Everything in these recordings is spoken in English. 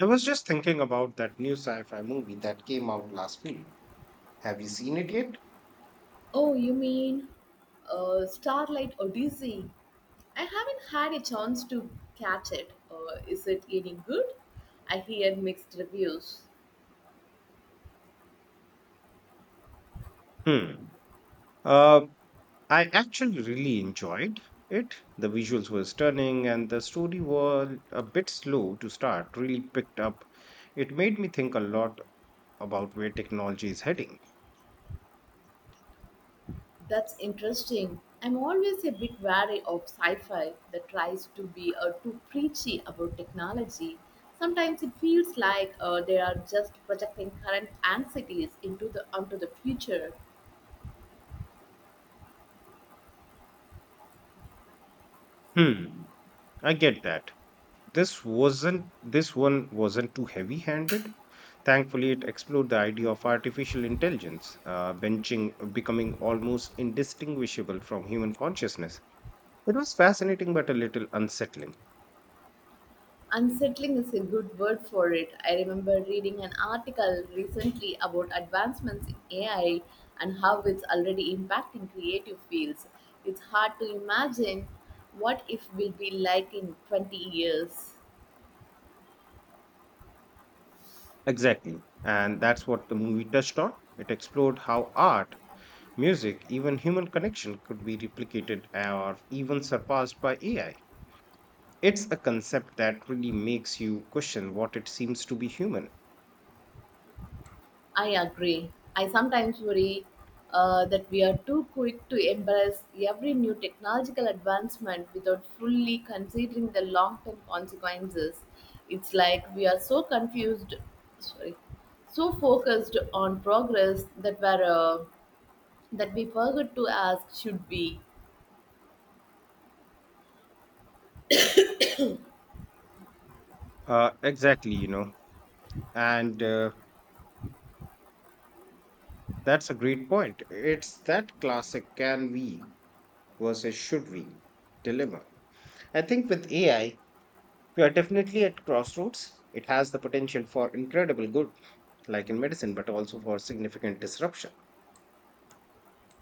I was just thinking about that new sci fi movie that came out last week. Have you seen it yet? Oh, you mean Starlight Odyssey? I haven't had a chance to catch it. Is it getting good? I hear mixed reviews. Hmm. Uh, I actually really enjoyed it. The visuals were stunning, and the story was a bit slow to start, really picked up. It made me think a lot about where technology is heading. That's interesting. I'm always a bit wary of sci fi that tries to be too preachy about technology. Sometimes it feels like they are just projecting current anxieties onto the future. Hmm. I get that. This one wasn't too heavy-handed. Thankfully, it explored the idea of artificial intelligence, benching becoming almost indistinguishable from human consciousness. It was fascinating but a little unsettling. Unsettling is a good word for it. I remember reading an article recently about advancements in AI and how it's already impacting creative fields. It's hard to imagine what if will be like in 20 years. Exactly. And that's what the movie touched on. It explored how art, music, even human connection could be replicated or even surpassed by AI. It's a concept that really makes you question what it seems to be human. I agree. I sometimes worry that we are too quick to embrace every new technological advancement without fully considering the long term consequences. It's like we are so confused, sorry, so focused on progress that we forget to ask should we. Exactly, you know, and that's a great point. It's that classic can we versus should we dilemma. I think with AI, we are definitely at crossroads. It has the potential for incredible good, like in medicine, but also for significant disruption.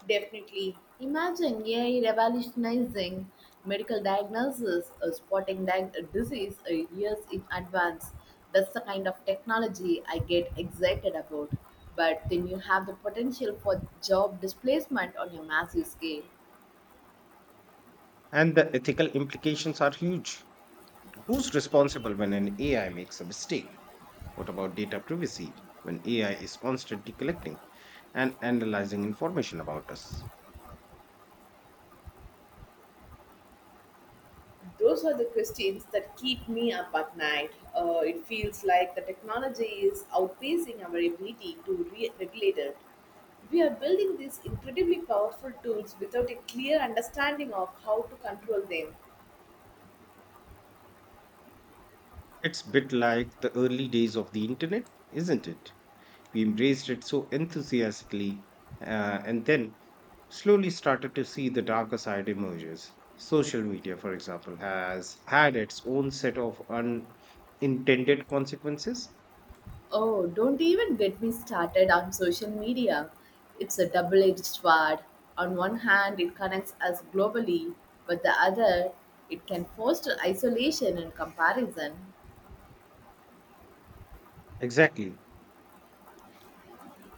Definitely. Imagine AI revolutionizing medical diagnosis, spotting that disease years in advance. That's the kind of technology I get excited about. But then you have the potential for job displacement on a massive scale. And the ethical implications are huge. Who's responsible when an AI makes a mistake? What about data privacy when AI is constantly collecting and analyzing information about us? Those are the questions that keep me up at night. It feels like the technology is outpacing our ability to regulate it. We are building these incredibly powerful tools without a clear understanding of how to control them. It's a bit like the early days of the internet, isn't it? We embraced it so enthusiastically and then slowly started to see the darker side emerges. Social media, for example, has had its own set of unintended consequences. Oh, don't even get me started on social media. It's a double edged sword. On one hand, it connects us globally, but the other, it can foster isolation and comparison. Exactly.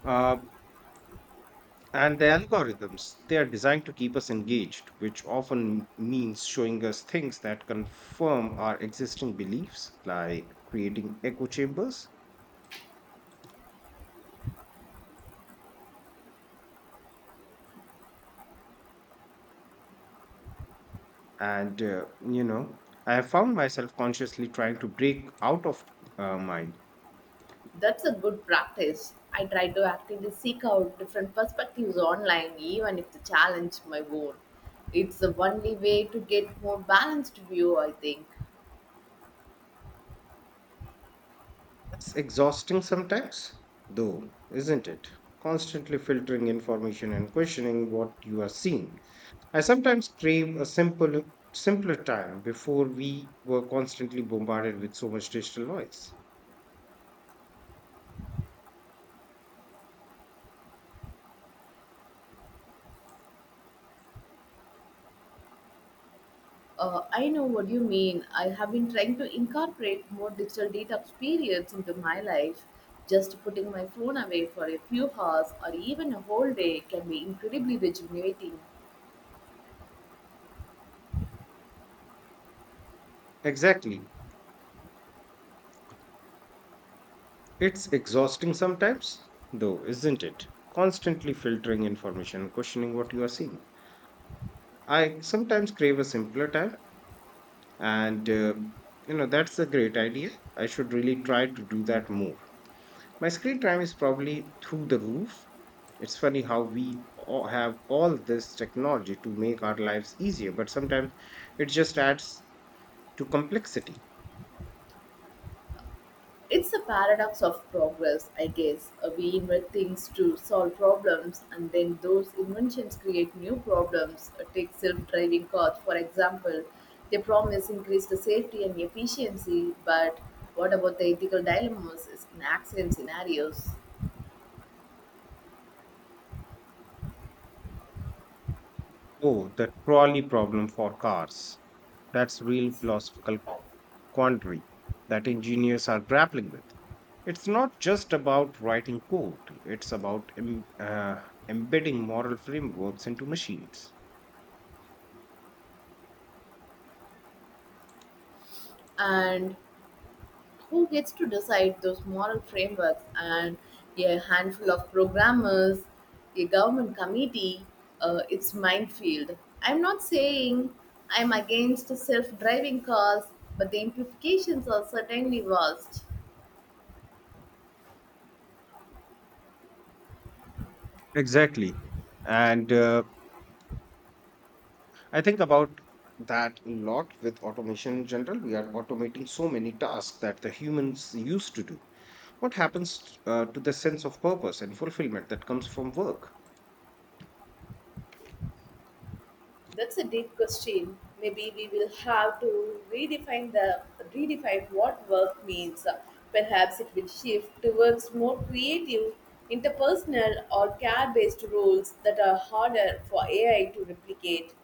Uh, and the algorithms, they are designed to keep us engaged, which often means showing us things that confirm our existing beliefs, like creating echo chambers. And I have found myself consciously trying to break out of mine. That's a good practice. I try to actively seek out different perspectives online, even if the challenge my own. It's the only way to get more balanced view, I think. It's exhausting sometimes, though, isn't it? Constantly filtering information and questioning what you are seeing. I sometimes crave a simple, simpler time before we were constantly bombarded with so much digital noise. I know what you mean. I have been trying to incorporate more digital detox periods into my life. Just putting my phone away for a few hours or even a whole day can be incredibly rejuvenating. Exactly. It's exhausting sometimes, though, isn't it? Constantly filtering information and questioning what you are seeing. I sometimes crave a simpler time, and that's a great idea. I should really try to do that more. My screen time is probably through the roof. It's funny how we all have all this technology to make our lives easier, but sometimes it just adds to complexity. It's a paradox of progress, I guess. We invent things to solve problems, and then those inventions create new problems. Take self driving cars, for example. They promise increased safety and efficiency, but what about the ethical dilemmas in accident scenarios? Oh, the trolley problem for cars. That's real philosophical quandary that engineers are grappling with. It's not just about writing code, it's about embedding moral frameworks into machines. And who gets to decide those moral frameworks, and a handful of programmers, a government committee? It's minefield. I'm not saying I'm against self-driving cars, but the implications are certainly vast. Exactly. And I think about that a lot with automation in general. We are automating so many tasks that the humans used to do. What happens to the sense of purpose and fulfillment that comes from work? That's a deep question. Maybe we will have to redefine what work means. Perhaps it will shift towards more creative, interpersonal, or care-based roles that are harder for AI to replicate.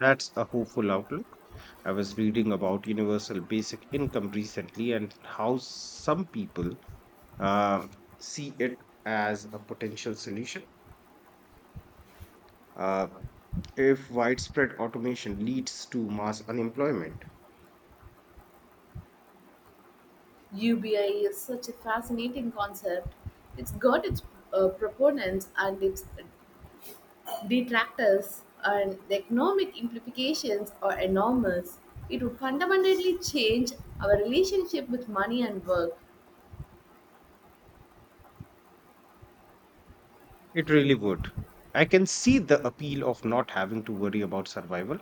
That's a hopeful outlook. I was reading about universal basic income recently and how some people uh, see it as a potential solution, uh, if widespread automation leads to mass unemployment. UBI is such a fascinating concept. It's got its proponents and its detractors, and the economic implications are enormous. It would fundamentally change our relationship with money and work. It really would. I can see the appeal of not having to worry about survival,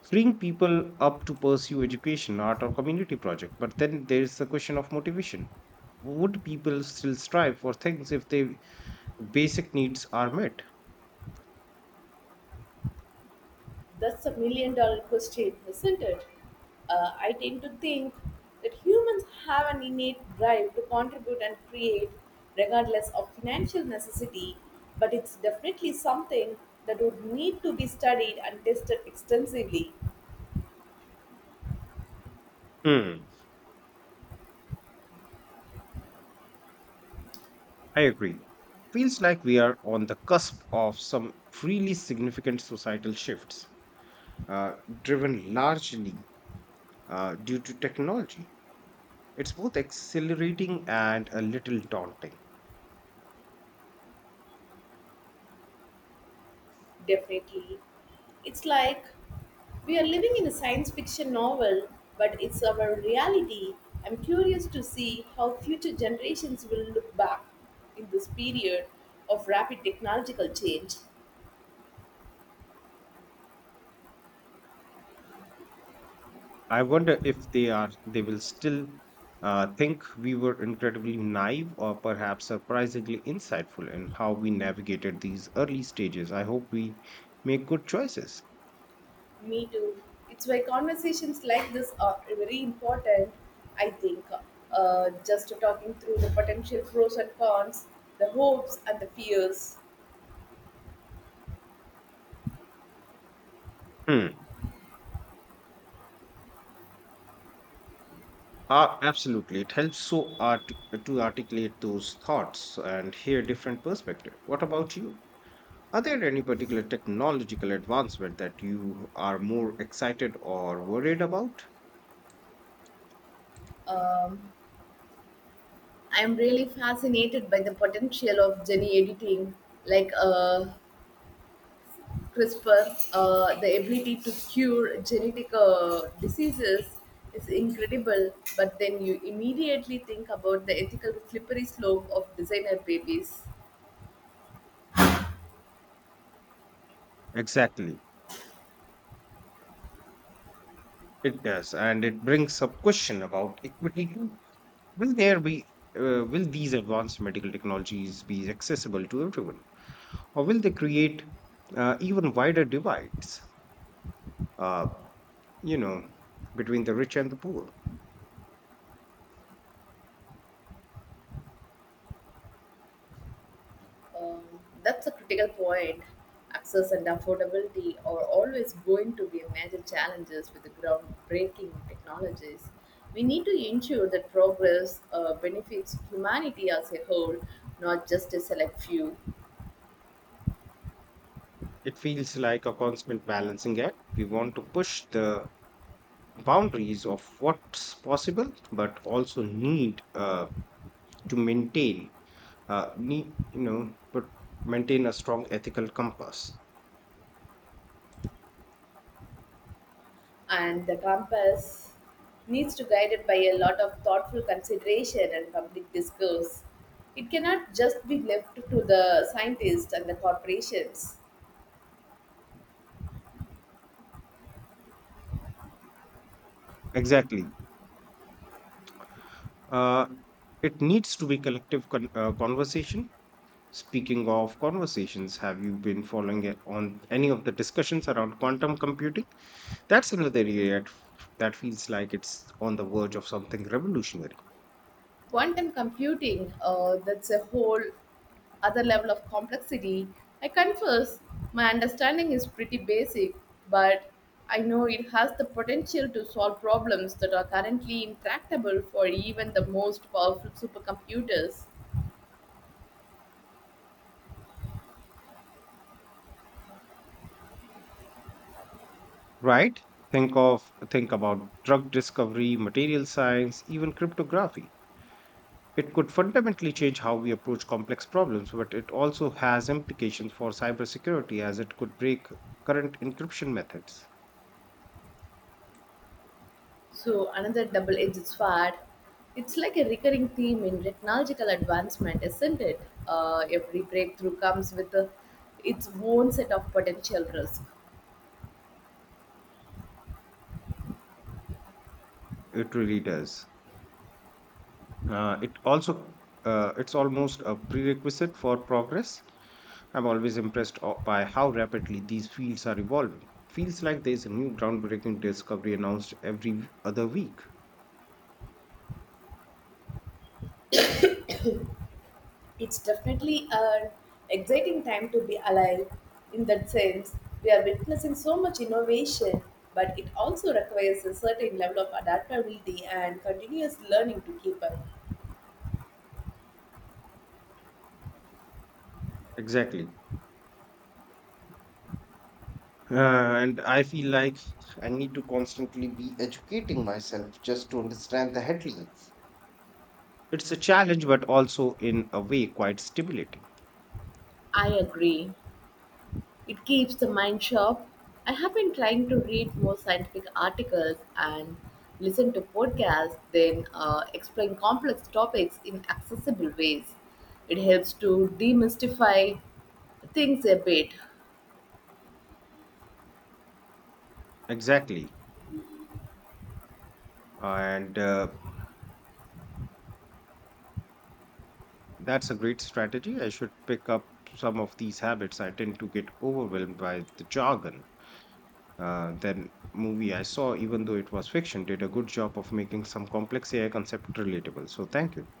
freeing people up to pursue education, art, or community project. But then there's the question of motivation. Would people still strive for things if their basic needs are met? That's a million-dollar question, isn't it? I tend to think that humans have an innate drive to contribute and create, regardless of financial necessity, but it's definitely something that would need to be studied and tested extensively. Hmm. I agree. Feels like we are on the cusp of some really significant societal shifts, uh, driven largely due to technology. It's both exhilarating and a little daunting. Definitely. It's like we are living in a science fiction novel, but it's our reality. I'm curious to see how future generations will look back in this period of rapid technological change. I wonder if they will still think we were incredibly naive or perhaps surprisingly insightful in how we navigated these early stages. I hope we make good choices. Me too. It's why conversations like this are very important, I think. Just talking through the potential pros and cons, the hopes and the fears. Hmm. Absolutely. It helps so art- to articulate those thoughts and hear different perspective. What about you? Are there any particular technological advancement that you are more excited or worried about? Um, I'm really fascinated by the potential of gene editing, like CRISPR. The ability to cure genetic diseases is incredible, but then you immediately think about the ethical slippery slope of designer babies. Exactly. It does, and it brings up question about equity too. Will there be will these advanced medical technologies be accessible to everyone, or will they create even wider divides? Uh, you know, between the rich and the poor. Um, that's a critical point. Access and affordability are always going to be major challenges with the groundbreaking technologies. We need to ensure that progress benefits humanity as a whole, not just a select few. It feels like a constant balancing act. We want to push the boundaries of what's possible, but also need to maintain, need, you know, but maintain a strong ethical compass. And the campus needs to guide it by a lot of thoughtful consideration and public discourse. It cannot just be left to the scientists and the corporations. Exactly. Uh, it needs to be collective conversation. Speaking of conversations, have you been following it on any of the discussions around quantum computing? That's another area that feels like it's on the verge of something revolutionary. Quantum computing, that's a whole other level of complexity. I confess my understanding is pretty basic, but I know it has the potential to solve problems that are currently intractable for even the most powerful supercomputers. Right. Think about drug discovery, material science, even cryptography. It could fundamentally change how we approach complex problems, but it also has implications for cybersecurity as it could break current encryption methods. So another double-edged sword. It's like a recurring theme in technological advancement, isn't it? Every breakthrough comes with its own set of potential risk. It really does. It's almost a prerequisite for progress. I'm always by how rapidly these fields are evolving. Feels like there's a new groundbreaking discovery announced every other week. It's definitely an exciting time to be alive. In that sense, we are witnessing so much innovation, but it also requires a certain level of adaptability and continuous learning to keep up. Exactly. Uh, and I feel like I need to constantly be educating myself just to understand the headlines. It's a challenge, but also in a way quite stimulating. I agree. It keeps the mind sharp. I have been trying to read more scientific articles and listen to podcasts, then explain complex topics in accessible ways. It helps to demystify things a bit. Exactly. And that's a great strategy. I should pick up some of these habits. I tend to get overwhelmed by the jargon. That movie I saw, even though it was fiction, did a good job of making some complex AI concept relatable. So thank you.